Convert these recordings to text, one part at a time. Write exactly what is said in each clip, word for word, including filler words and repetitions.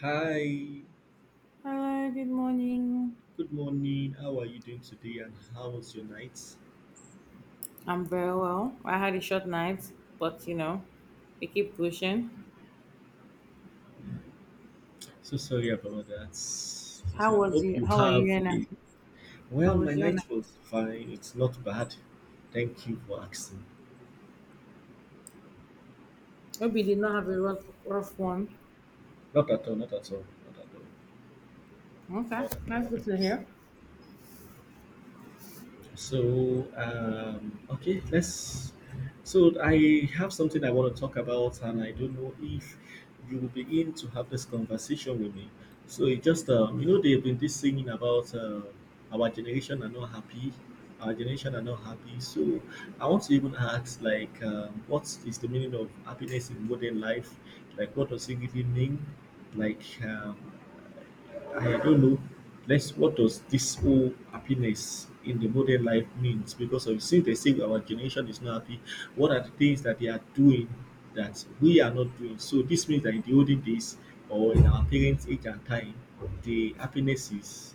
Hi, Hi, good morning. good morning. How are you doing today and how was your night? I'm very well. I had a short night, but you know, we keep pushing. So sorry about that. So How sorry. was Hope you? you How are you? have And a well, how my was your night night? was fine. It's not bad. Thank you for asking. Hope you did not have a rough, rough one. Not at all, not at all, not at Okay, all, not at that's good to all. hear. So, um, okay, let's. So, I have something I want to talk about, and I don't know if you will begin to have this conversation with me. So, it just, um, you know, they've been this singing about uh, our generation are not happy, our generation are not happy. So, I want to even ask, like, um, what is the meaning of happiness in modern life? Like, what does it really mean? Like, um, I don't know. Let's what does this whole happiness in the modern life means? Because of since they say our generation is not happy, what are the things that they are doing that we are not doing? So this means that in the olden days or in our parents' age and time, the happiness is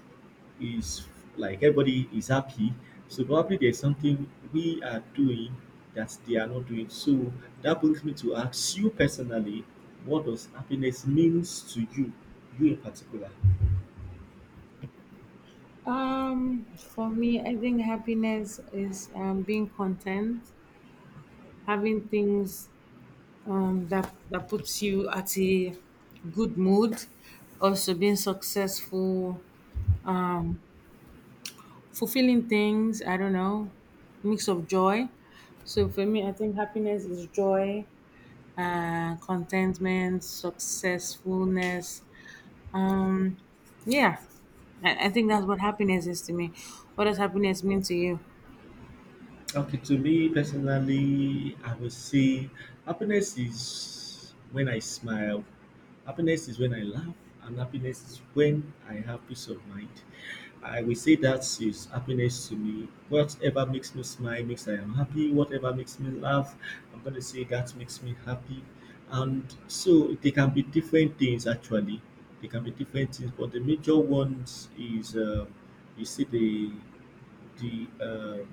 is like everybody is happy. So probably there's something we are doing that they are not doing. So that brings me to ask you personally, what does happiness means to you, you in particular? Um, for me, I think happiness is um, being content, having things um, that that puts you at a good mood, also being successful fulfilling things. I don't know, mix of joy. So for me, I think happiness is joy, uh, contentment, successfulness. Um, yeah, I, I think that's what happiness is to me. What does happiness mean to you? Okay, to me personally, I would say happiness is when I smile, happiness is when I laugh, and happiness is when I have peace of mind. I will say that is happiness to me. Whatever makes me smile makes I am happy. Whatever makes me laugh, I'm going to say that makes me happy. And so they can be different things actually. They can be different things, but the major ones is uh, you see the the uh,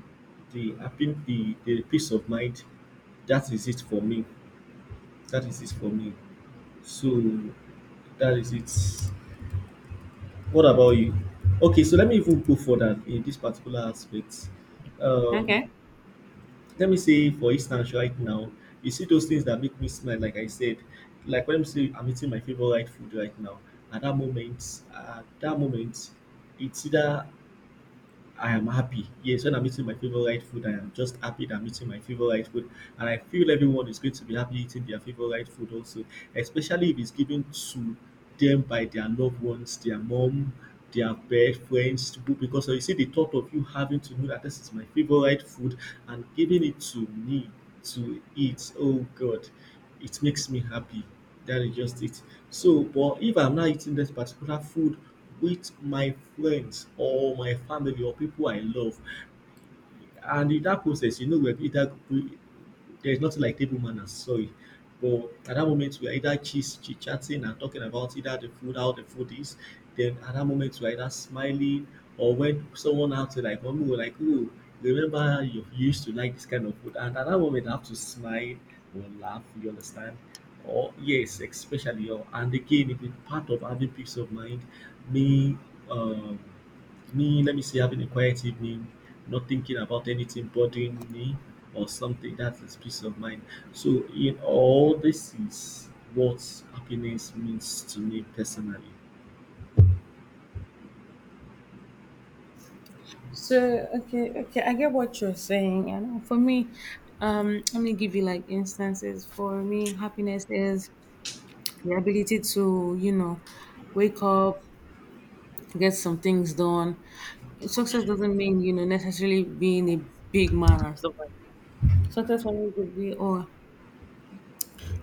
the happy the, the peace of mind, that is it for me, that is it for me, so that is it. What about you? Okay, so let me even go further in this particular aspect. um Okay. Let me say, for instance, right now, you see those things that make me smile, like I said, like when I'm say I'm eating my favorite food right now. At that moment at that moment it's either I am happy. Yes, when I'm eating my favorite food, I am just happy that I'm eating my favorite food. And I feel everyone is going to be happy eating their favorite food also, especially if it's given to them by their loved ones, their mom, their best friends, to- go- because you see the thought of you having to know that this is my favorite food and giving it to me to eat. Oh God, it makes me happy, that is just it. So, but if I'm not eating this particular food with my friends or my family or people I love, and in that process, you know, we're either we, there's nothing like table manners, sorry. But at that moment, we're either chit chatting and talking about either the food, how the food is. Then at that moment, we're either smiling or when someone out to like, mommy, we're like, oh, remember you you used to like this kind of food. And at that moment, I have to smile or laugh, you understand? Or yes, especially. Or, and again, it is part of having peace of mind. Me, um, me, Let me say, having a quiet evening, not thinking about anything bothering me or something. That is peace of mind. So, in all, this is what happiness means to me personally. So okay, okay, I get what you're saying. And uh, for me, um, let me give you like instances. For me, happiness is the ability to, you know, wake up, get some things done, success doesn't mean, you know, necessarily being a big man and stuff like that. Success for me could be, oh,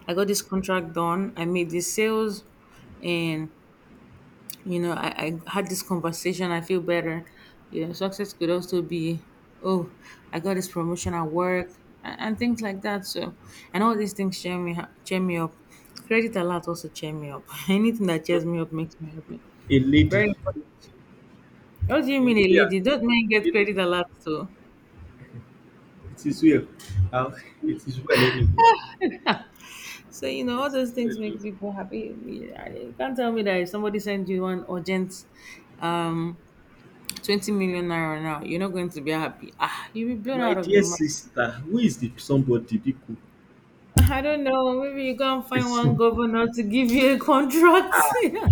I got this contract done, I made these sales, and, you know, I, I had this conversation, I feel better. You know, success could also be, oh, I got this promotion at work, and, and things like that. So, and all these things cheer me, ha- cheer me up. Credit alert also cheer me up. Anything that cheers me up makes me happy. A lady, Very important. a What do you mean, lady, a a lady? Don't men get lady, credit alert too? it is well. Uh, it is well anyway. So you know, It all those is well. things Oh. make people happy. Yeah, you can't tell me that if somebody sends you one urgent, um, twenty million naira now, you're not going to be happy. Ah, you'll be blown My out of dear your mind. sister, who is the somebody Biko? I don't know. Maybe you go and find one governor to give you a contract. Yeah.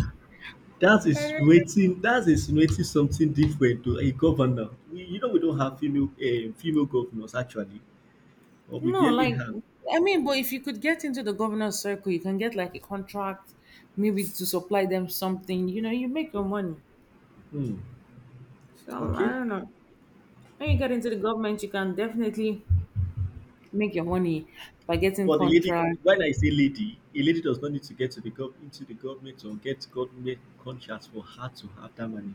That I is don't waiting. That is waiting something different to a governor. We, you know, we don't have female uh, female governors actually, or we know. No, barely like have. I mean, but if you could get into the governor's circle, you can get like a contract, maybe to supply them something. You know, you make your money. Hmm. So I Okay. don't know. When you get into the government, you can definitely make your money by getting But the lady, contract. when I say lady, a lady does not need to get to the gov- into the government or get government contracts for her to have that money.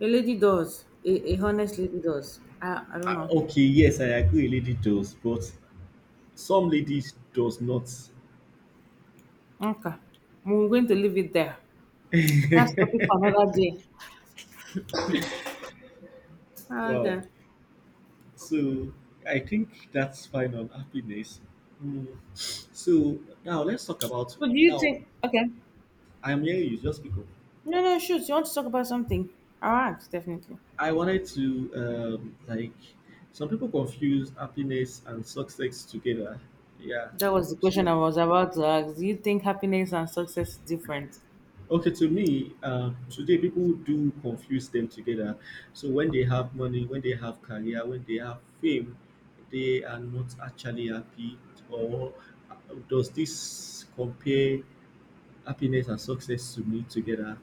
A lady does. A, a honest lady does. I, I don't Ah, know. okay. Yes, I agree. A lady does, but some ladies does not. Okay, we're going to leave it there. That's topic for another day. Well, Okay. so I think that's fine on happiness. Hmm. So now let's talk about So, do you now. think? Okay, I'm hearing you. Just speak up. no, no, shoot. You want to talk about something? All right, definitely. I wanted to um, like some people confuse happiness and success together. Yeah. That was the So, question I was about to ask. Do you think happiness and success is different? okay, to me, um, today people do confuse them together. So when they have money, when they have career, when they have fame, they are not actually happy. Or uh, does this compare happiness and success to me together?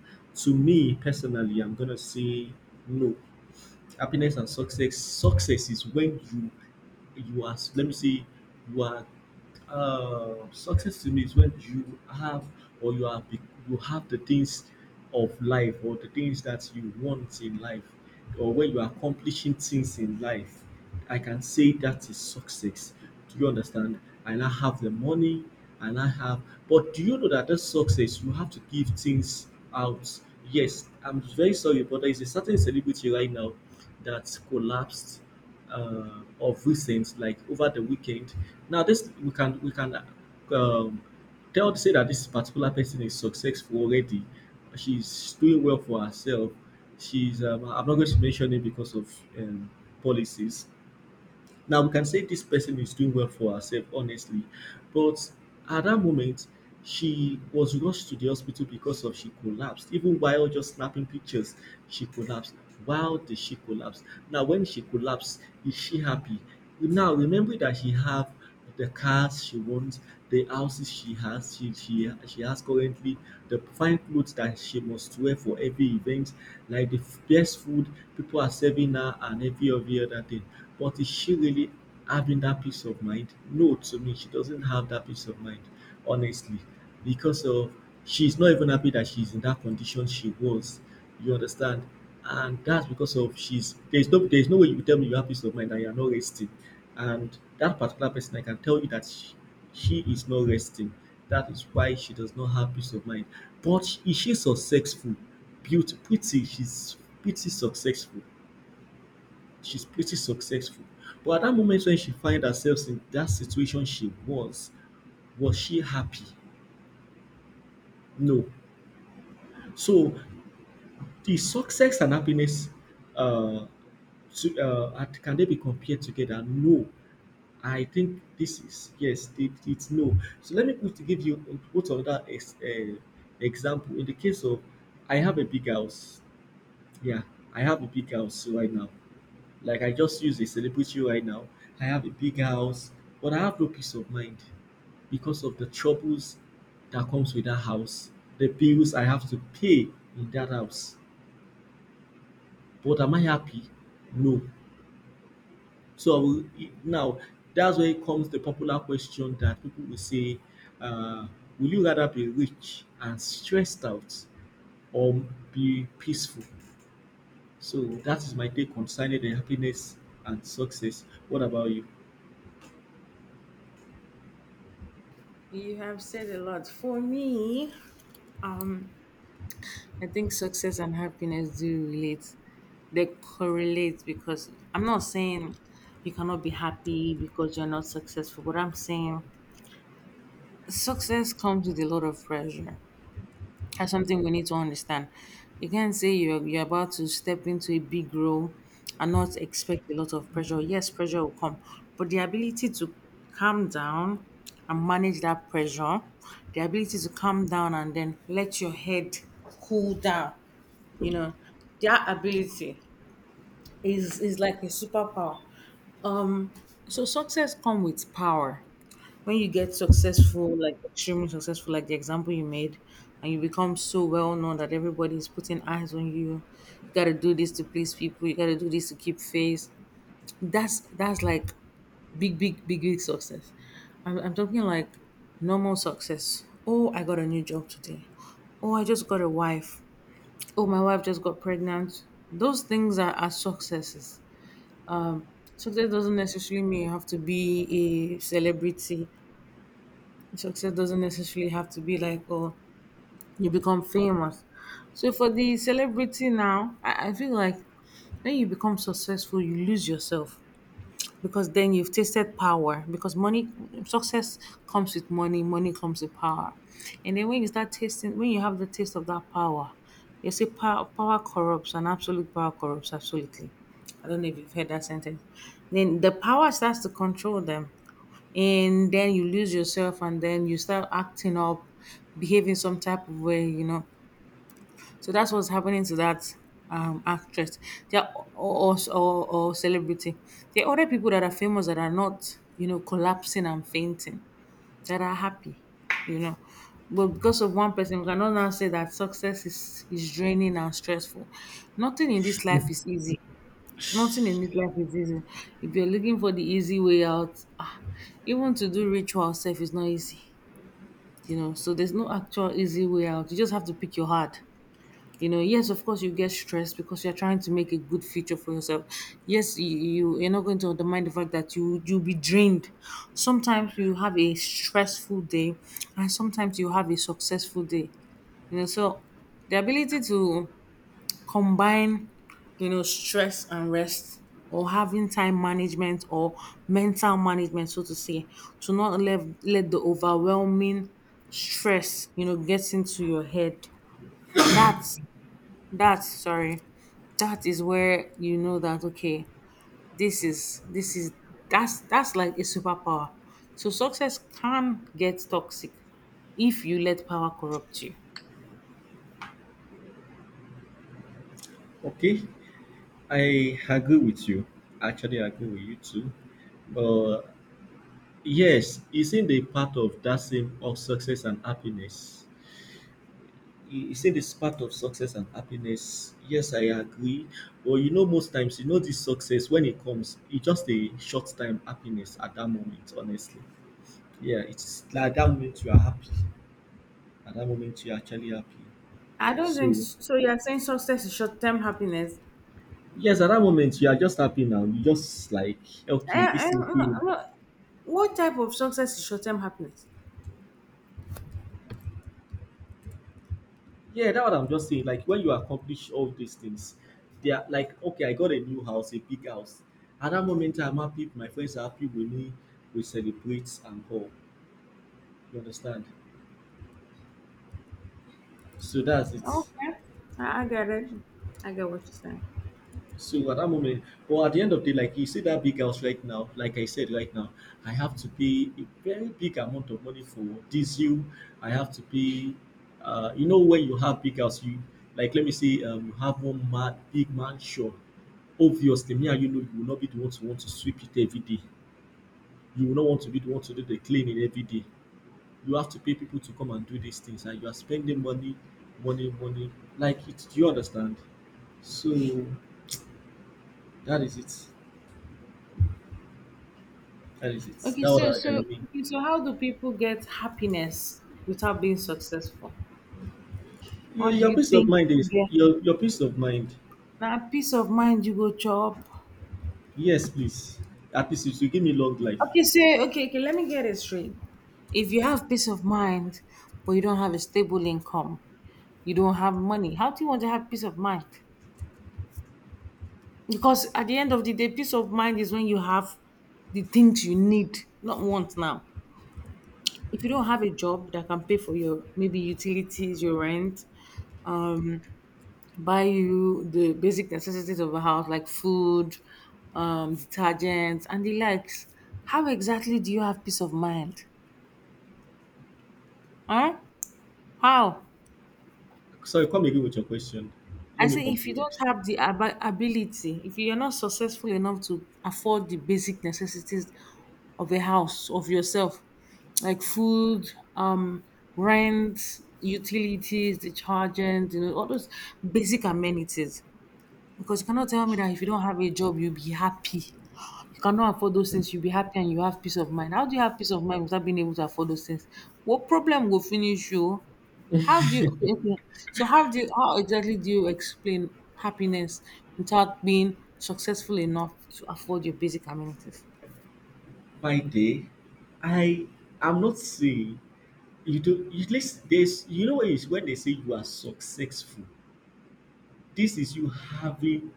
To me personally, I'm gonna say no. Happiness and success. Success is when you you are let me say you are uh, success to me is when you have or you have be- you have the things of life or the things that you want in life, or when you are accomplishing things in life. I can say that is success, do you understand? And I have the money, and I have, but do you know that that success, you have to give things out. Yes, I'm very sorry, but there is a certain celebrity right now that collapsed, uh, of recent, like over the weekend. Now, this we can we can um, tell, say that this particular person is successful already. She's doing well for herself. She's um, I'm not going to mention it because of um, policies. Now we can say this person is doing well for herself, honestly. But at that moment, she was rushed to the hospital because of she collapsed. Even while just snapping pictures, she collapsed. Why did she collapse? Now, when she collapsed, is she happy? Now remember that she have the cars she wants, the houses she has, she, she, she has currently, the fine clothes that she must wear for every event, like the f- best food people are serving her, and every every other thing. But is she really having that peace of mind? No, to me, she doesn't have that peace of mind, honestly, because of she's not even happy that she's in that condition she was. You understand? And that's because of she's there's no there's no way you tell me you have peace of mind and you're not resting, and that particular person, I can tell you that she, she is not resting, that is why she does not have peace of mind. But she- is she successful? Beauty pretty she's pretty successful, she's pretty successful. But at that moment when she find herself in that situation she was was she happy? No. So the success and happiness, uh to uh are- can they be compared together? No. I think this is yes, it, it's no. So let me put to give you what other ex, uh, example. In the case of, I have a big house. Yeah, I have a big house right now. Like I just use a celebrity right now. I have a big house, but I have no peace of mind because of the troubles that comes with that house, the bills I have to pay in that house. But am I happy? No. So I will now, that's where it comes the popular question that people will say, uh, "Will you rather be rich and stressed out, or be peaceful?" So that is my take concerning the happiness and success. What about you? You have said a lot. For me, Um, I think success and happiness do relate. They correlate because I'm not saying you cannot be happy because you're not successful, but I'm saying success comes with a lot of pressure. That's something we need to understand. You can't say you're, you're about to step into a big role and not expect a lot of pressure. Yes, pressure will come, but the ability to calm down and manage that pressure, the ability to calm down and then let your head cool down, you know, that ability is is like a superpower. Um, so success come with power. When you get successful, like extremely successful, like the example you made, and you become so well known that everybody is putting eyes on you. You gotta do this to please people. You gotta do this to keep face. That's that's like big, big, big, big success. I'm, I'm talking like normal success. Oh, I got a new job today. Oh, I just got a wife. Oh, my wife just got pregnant. Those things are, are successes um, success doesn't necessarily mean you have to be a celebrity. Success doesn't necessarily have to be like, oh, you become famous. So for the celebrity now, I, I feel like when you become successful, you lose yourself because then you've tasted power because money success comes with money, money comes with power, and then when you start tasting when you have the taste of that power, you see power, power corrupts and absolute power corrupts absolutely. I don't know if you've heard that sentence. Then the power starts to control them, and then you lose yourself and then you start acting up, behaving some type of way, you know. So that's what's happening to that um, actress. There are, or, or, or, or celebrity. There are other people that are famous that are not, you know, collapsing and fainting, that are happy, you know. But because of one person, we cannot now say that success is, is draining and stressful. Nothing in this life is easy. Nothing in this life is easy. If you're looking for the easy way out, ah, even to do ritual self is not easy, you know. So there's no actual easy way out. You just have to pick your heart, you know. Yes, of course, you get stressed because you're trying to make a good future for yourself. Yes, you, you you're not going to undermine the fact that you you'll be drained. Sometimes you have a stressful day, and sometimes you have a successful day. You know, so the ability to combine, you know, stress and rest, or having time management or mental management, so to say, to not let let the overwhelming stress, you know, gets into your head. That that's sorry. That is where you know that okay, this is this is that's that's like a superpower. So success can get toxic if you let power corrupt you. Okay, I agree with you. Actually, I agree with you too. But yes, isn't a part of that same of success and happiness? he he say this part of success and happiness. Yes, I agree. But you know, most times, you know, this success when it comes, it's just a short time happiness at that moment. Honestly, yeah, it's like that moment you are happy. At that moment, you are actually happy. I don't think So s- so. You are saying success is short term happiness. yes, at that moment, you are just happy now. You just like I, okay, I, this thing I'm not- came. I'm not- what type of success is short term happiness? Yeah, that's what I'm just saying. Like when you accomplish all these things, they are like okay, I got a new house, a big house. At that moment, I'm happy. My friends are happy with me. We celebrate and all. You understand? So that's it. Okay, I, I get it. I get what you're saying. So at that moment, well, at the end of the day, like you see that big house right now, like I said right now, I have to pay a very big amount of money for diesel. I have to pay, uh, you know, when you have big house, you like let me say, um, you have one mad big mansion. Obviously, me and you know, you will not be the one to want to sweep it every day. You will not want to be the one to do the cleaning every day. You have to pay people to come and do these things, and you are spending money, money, money. Like it, do you understand? So that is it. That is it. That's Okay, what so I, I so mean. okay, so how do people get happiness without being successful? Your, Or do your you peace of think mind people is get. your your peace of mind. Now, peace of mind you go chop. Yes, please. At least it will give me long life. Okay, say okay, okay, let me get it straight. If you have peace of mind, but you don't have a stable income, you don't have money, how do you want to have peace of mind? Because at the end of the day, peace of mind is when you have the things you need, not want now. If you don't have a job that can pay for your maybe utilities, your rent, um, buy you the basic necessities of a house like food, um, detergents, and the likes. How exactly do you have peace of mind? Huh? How? Sorry, come again with your question. Let I me say, if you comprehend. don't have the ab- ability, if you're not successful enough to afford the basic necessities of a house, of yourself, like food, um, rent, utilities, detergent, you know, all those basic amenities, because you cannot tell me that if you don't have a job, you'll be happy. You cannot afford those things, you'll be happy and you have peace of mind. How do you have peace of mind without being able to afford those things? What problem will finish you? How do you okay, okay. So how do you how exactly do you explain happiness without being successful enough to afford your basic amenities? By day, I am not saying you do. At least there's you know when, you, when they say you are successful. This is you having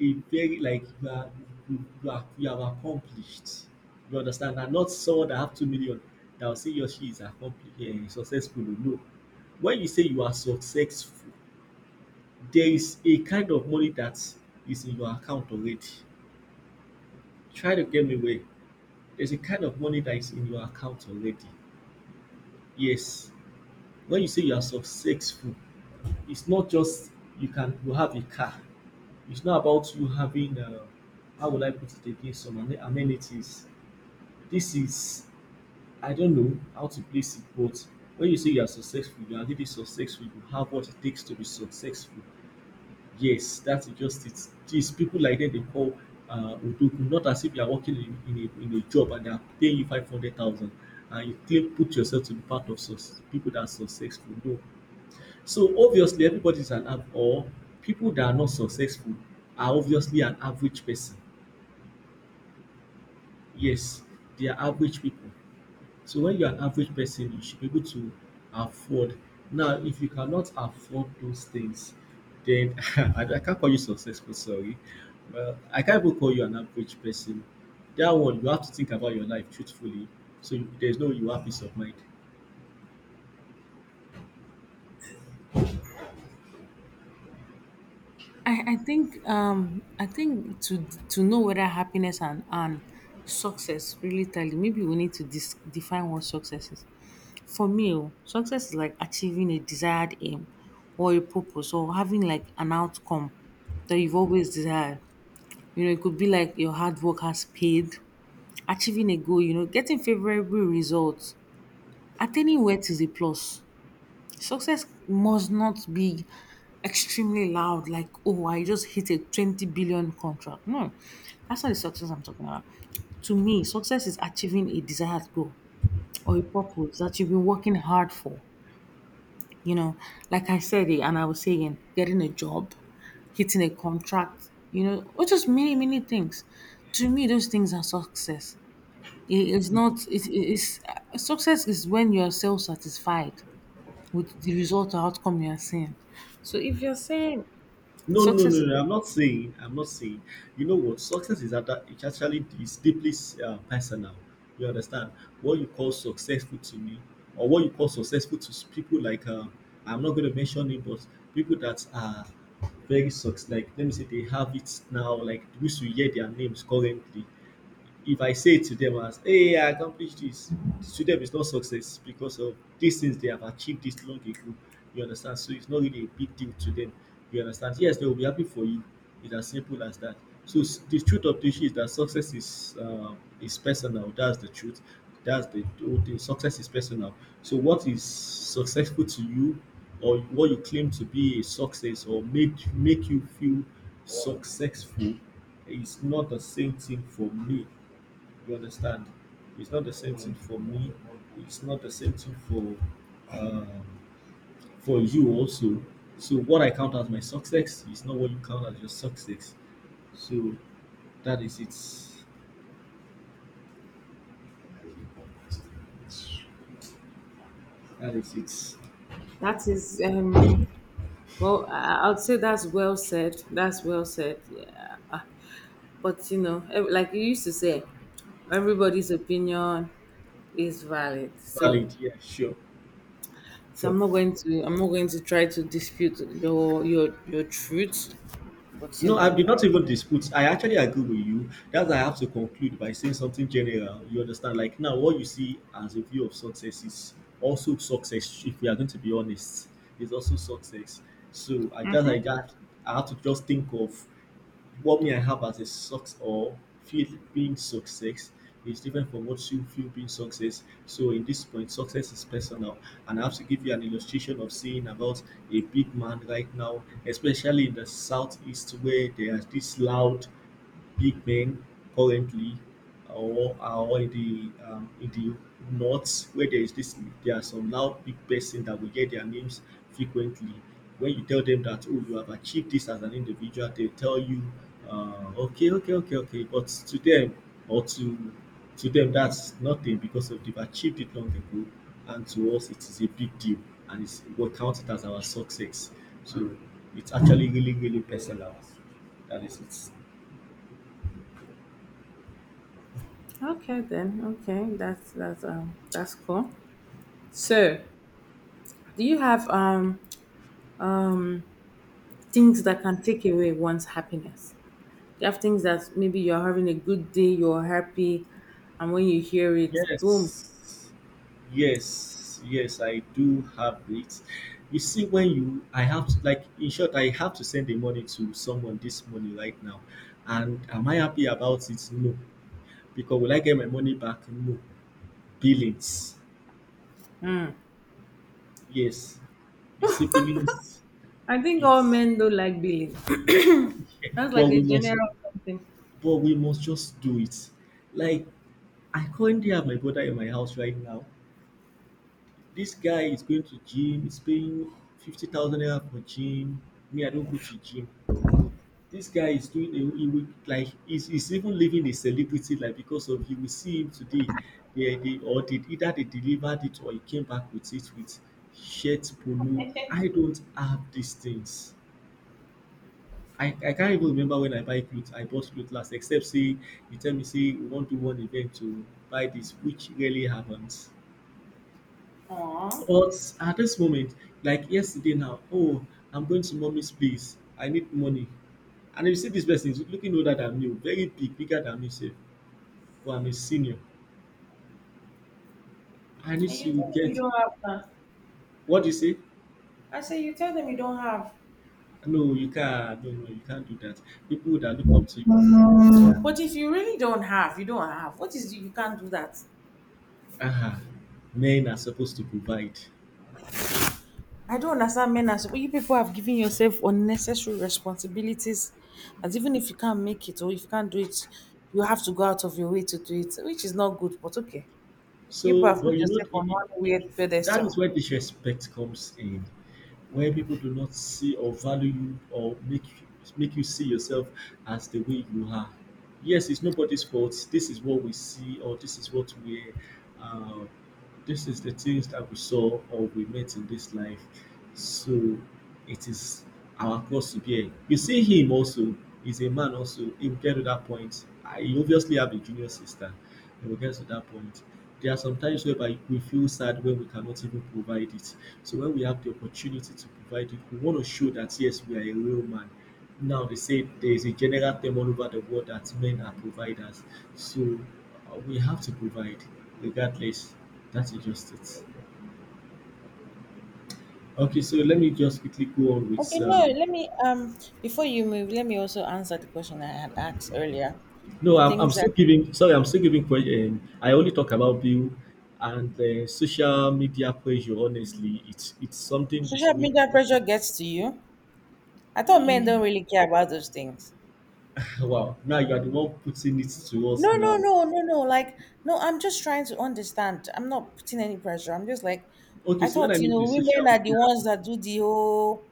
a very like you are you, you are you are accomplished. You understand? And not someone that have two million that will say your or she is accomplished and successful. No. When you say you are successful, there is a kind of money that is in your account already. Try to get me away. There's a kind of money that is in your account already. Yes. When you say you are successful, it's not just you can you have a car. It's not about you having uh, how would I put it again some amen- amenities. This is I don't know how to place it, but when you say you are successful, you are really successful, you have what it takes to be successful. Yes, that's just it. These people like that they call uh Odogu, not as if you are working in, in a in a job and they are paying you five hundred thousand and you claim put yourself to be part of success people that are successful. No. So obviously everybody is an av- or people that are not successful are obviously an average person. Yes, they are average people. So when you're an average person, you should be able to afford. Now, if you cannot afford those things, then I, I can't call you successful, sorry. Well, I can't even call you an average person. That one, you have to think about your life truthfully. So you, there's no you have peace of mind. I, I think um I think to to know whether happiness and, and success really tell you maybe we need to dis- define what success is. For me, oh, success is like achieving a desired aim or a purpose or having like an outcome that you've always desired. You know, it could be like your hard work has paid, achieving a goal, you know, getting favorable results. Attaining wealth is a plus. Success must not be extremely loud, like, oh, I just hit a twenty billion contract. No, that's not the success I'm talking about. To me, success is achieving a desired goal or a purpose that you've been working hard for. You know, like I said, it, and I was saying, getting a job, hitting a contract, you know, or just many, many things. To me, those things are success. It- It's not, it's, it's, success is when you're self satisfied with the result or outcome you are seeing. So if you're saying No, no, no, success is no. I'm not saying. I'm not saying. You know what? Success is that it's actually it's deeply uh, personal. You understand what you call successful to me, or what you call successful to s- people like uh, I'm not going to mention it, but people that are very success. Like let me say they have it now. Like we should hear their names currently if I say to them as, hey, I accomplished this, to them it's not success because of these things they have achieved this long ago. You understand? So it's not really a big deal to them. You understand? Yes, they will be happy for you. It's as simple as that. So s- the truth of the issue is that success is uh, is personal. That's the truth. That's the whole thing. Success is personal. So what is successful to you, or what you claim to be a success, or make make you feel successful, is not the same thing for me you understand? It's not the same thing for me. It's not the same thing for um, for you also. So what I count as my success is not what you count as your success. So that is it. That is it. that is um well, I, I would say that's well said. That's well said. Yeah. Ah, but you know, ev- like you used to say, everybody's opinion is valid. So valid. Yeah, sure, so sure. I'm not going to I'm not going to try to dispute your your your truth. But you No, I know, did I, not even dispute. I actually agree with you. That's why I have to conclude by saying something general. You understand? Like now, what you see as a view of success is also success. If we are going to be honest, is also success. So I just, I just, I have to just think of what me I have as a success or feel being success is different from what you feel being success. So in this point, success is personal, and I have to give you an illustration of seeing about a big man right now, especially in the southeast where there are this loud Big Bigmen currently or are all in the um, in the north where there is this there are some loud big person that will get their names frequently. When you tell them that oh you have achieved this as an individual, they tell you uh, okay okay okay okay. But to them or to to them that's nothing because of they've achieved it long ago, and to us it is a big deal and it's what count it as our success. So it's actually really really personal. That is it. okay then. Okay, that's that's um that's cool. So, do you have um um things that can take away one's happiness? You have things that maybe you're having a good day, you're happy, and when you hear it, boom. Yes. Yes. Yes, I do have it. You see, when you, I have to, like, in short, I have to send the money to someone this money right now. And am I happy about it? No. Because will I get my money back? No. Billings. Yes. You see, billings, I think all it's, men don't like billing. That's but like a we must, general something. but we must just do it. Like, I currently have my brother in my house right now. This guy is going to gym, he's paying fifty thousand naira for gym. Me, I don't go to gym. This guy is doing a he will, like he's, he's even living a celebrity life because of you will see him today. They, they or they either they delivered it or he came back with it with shirt polo. I don't have these things. I, I can't even remember when I buy clothes. I bought clothes last, except say you tell me say we want to do one event to buy this, which really happens. Aww. But at this moment, like yesterday now, oh, I'm going to mommy's place. I need money. And you see this person is looking older than me, very big, bigger than me, sef. But I'm a senior. I need And you to tell them you get don't have that. what do you say? I say you tell them you don't have. No, you can't no, no, you can't do that. People that look up to you, But if you really don't have, you don't have. What is you can't do that? ah, men are supposed to provide. I don't understand men as well. You people have given yourself unnecessary responsibilities, and even if you can't make it or if you can't do it, you have to go out of your way to do it, which is not good. But okay, you people So, have but put you know, yourself on it, it, one weird that pedestal. is where disrespect comes in. When people do not see or value you or make you make you see yourself as the way you are. Yes, it's nobody's fault. This is what we see, or this is what we, uh, this is the things that we saw or we met in this life. So it is our close to bear. You see him also, he's a man also. He will get to that point. I he obviously have a junior sister. He will get to that point. There are some times whereby we feel sad when we cannot even provide it. So when we have the opportunity to provide it, we want to show that yes, we are a real man. Now they say there is a general term all over the world that men are providers. So uh, we have to provide regardless. That's just it. Okay, so let me just quickly go on with Okay, no, um, let me um before you move, let me also answer the question I had asked earlier. no, The I'm, I'm things still that giving. Sorry, I'm still giving. que- Um, I only talk about bill and uh, social media pressure. Honestly, it's it's something we social should really be media talking. pressure gets to you. I thought men Eh, don't really care about those things. wow, now you are the one putting it to us No, no, now. no, no, no. Like, no, I'm just trying to understand. I'm not putting any pressure. I'm just like, Okay, I so when thought, I you mean know, the women social are the media ones that do the whole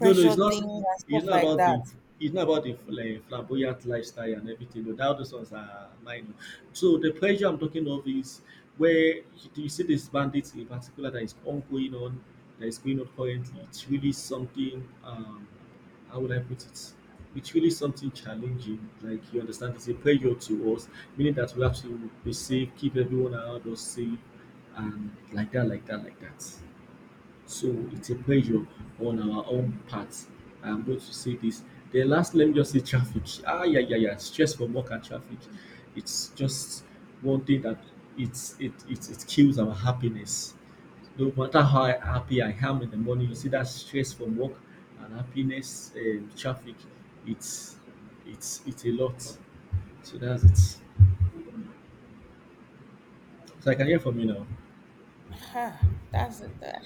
No, no, it's not. thing and It's stuff not like about that. the. It's not about the fl- eh, flamboyant lifestyle and everything. No, that those ones are minor. So the pressure I'm talking of is where you you see this bandits in particular that is ongoing on, that is going on currently. It's really something. Um, how would I put it? It's really something challenging. Like you understand, it's a pressure to us, meaning that we have to be safe, keep everyone around us safe, and like that, like that, like that. So it's a pleasure on our own part. I'm going to say this. Then last, let me just say traffic. Ah, yeah, yeah, yeah. Stress from work and traffic. It's just one thing that it's it it, it kills our happiness. No matter how happy I am in the morning, you see that stress from work and happiness, um, traffic. It's it's it's a lot. So that's it. So I can hear from you now. Ha, that's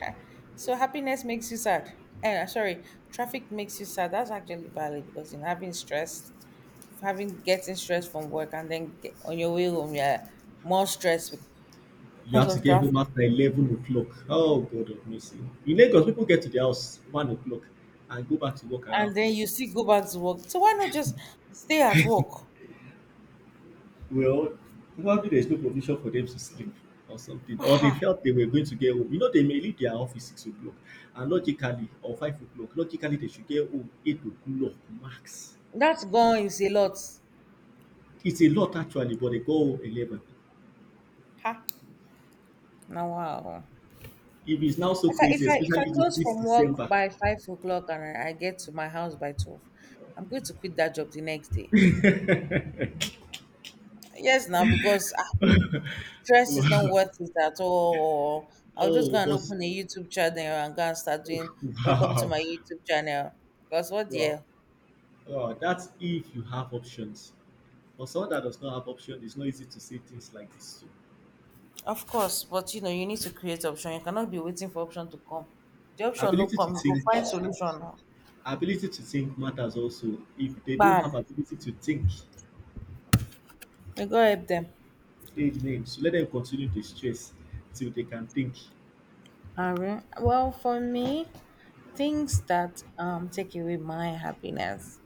so happiness makes you sad. Eh, sorry, traffic makes you sad. That's actually valid because in having stress, having getting stress from work and then get, on your way home, you're more stressed You because have to of get home traffic. after eleven o'clock. Oh God of mercy. In Lagos, people get to their house one o'clock and go back to work around And four. then you see go back to work. So why not just stay at work? Well, probably there's no provision for them to sleep or something, or they felt they were going to get home. You know, they may leave their office six o'clock, and logically, or five o'clock, logically they should get home eight o'clock max. That gone is a lot. It's a lot actually, but they go home eleven. Ha. Now, wow. If it's now If so I if crazy, I if I especially this, close this from work December. by five o'clock and I, I get to my house by twelve, I'm going to quit that job the next day. Yes, now because ah, stress is not worth it at all. Or I'll just go Oh, and but open a YouTube channel and go and start doing welcome to wow, my YouTube channel. Because what the wow, hell? wow. That's if you have options. For someone that does not have options, it's not easy to say things like this. Too. Of course, but you know you need to create option. You cannot be waiting for option to come. The option no Ability to come, you go think, find solution now. ability to think matters also. If they don't Bam. have ability to think, You go help them. say names. Let them continue to stress till they can think. All right. Well, for me, things that um take away my happiness.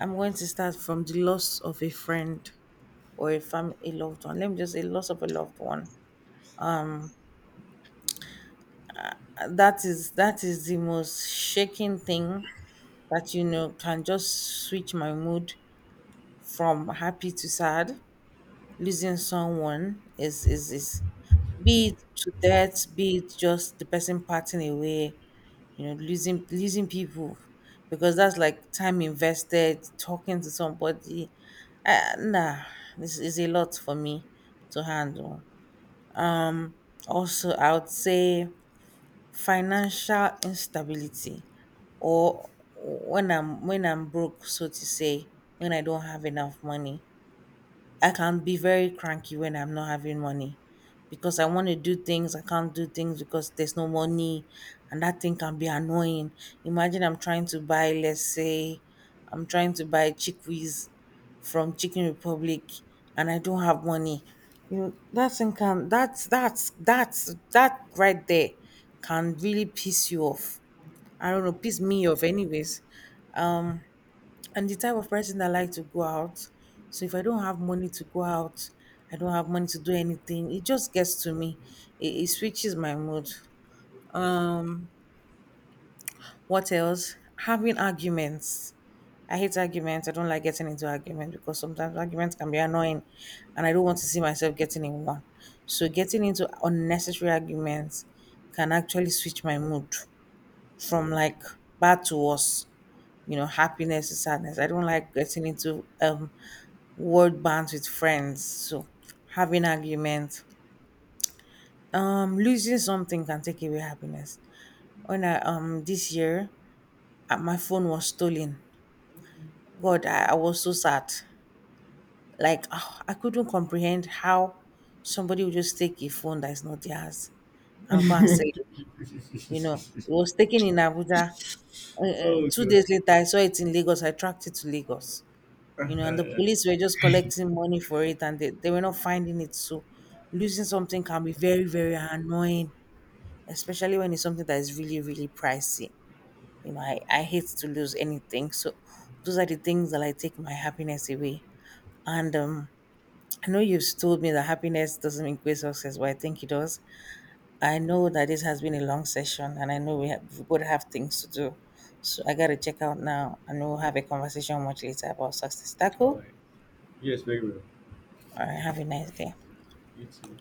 I'm going to start from the loss of a friend or a fam a loved one. Let me just say loss of a loved one. Uh, That is that is the most shaking thing that you know can just switch my mood from happy to sad. Losing someone is is is be it to death, be it just the person parting away, you know, losing losing people, because that's like time invested talking to somebody. Uh, nah this is a lot for me to handle. Also, I would say financial instability, or when i'm when i'm broke, so to say, when I don't have enough money. I can be very cranky when I'm not having money because I want to do things, I can't do things because there's no money, and that thing can be annoying. Imagine I'm trying to buy, let's say, I'm trying to buy chickpeas from Chicken Republic and I don't have money. You know, that thing can that's that's that's that right there can really piss you off. I don't know, piss me off anyways. I'm the type of person that like to go out. So if I don't have money to go out, I don't have money to do anything. It just gets to me. It, it switches my mood. Um, what else? Having arguments. I hate arguments. I don't like getting into arguments because sometimes arguments can be annoying, and I don't want to see myself getting in one. So getting into unnecessary arguments can actually switch my mood from like bad to worse, you know, happiness to sadness. I don't like getting into um word bands with friends, so having arguments. Um, losing something can take away happiness. When I um this year, uh, my phone was stolen. God, I, I was so sad. Like ah, I couldn't comprehend how somebody would just take a phone that is not theirs and go and sell it. You know, it was taken in Abuja. Uh, uh, Oh, two good. days later, I saw it in Lagos. I tracked it to Lagos. All You know, and the police were just collecting money for it, and they, they were not finding it. So losing something can be very, very annoying, especially when it's something that is really, really pricey. You know, I, I hate to lose anything. So those are the things that I take my happiness away. And um, I know you've told me that happiness doesn't equate success, but I think it does. I know that this has been a long session and I know we, have, we both have things to do. So I gotta check out now and we'll have a conversation much later about success. Is that cool? right. Yes, very well. All right, have a nice day. You too.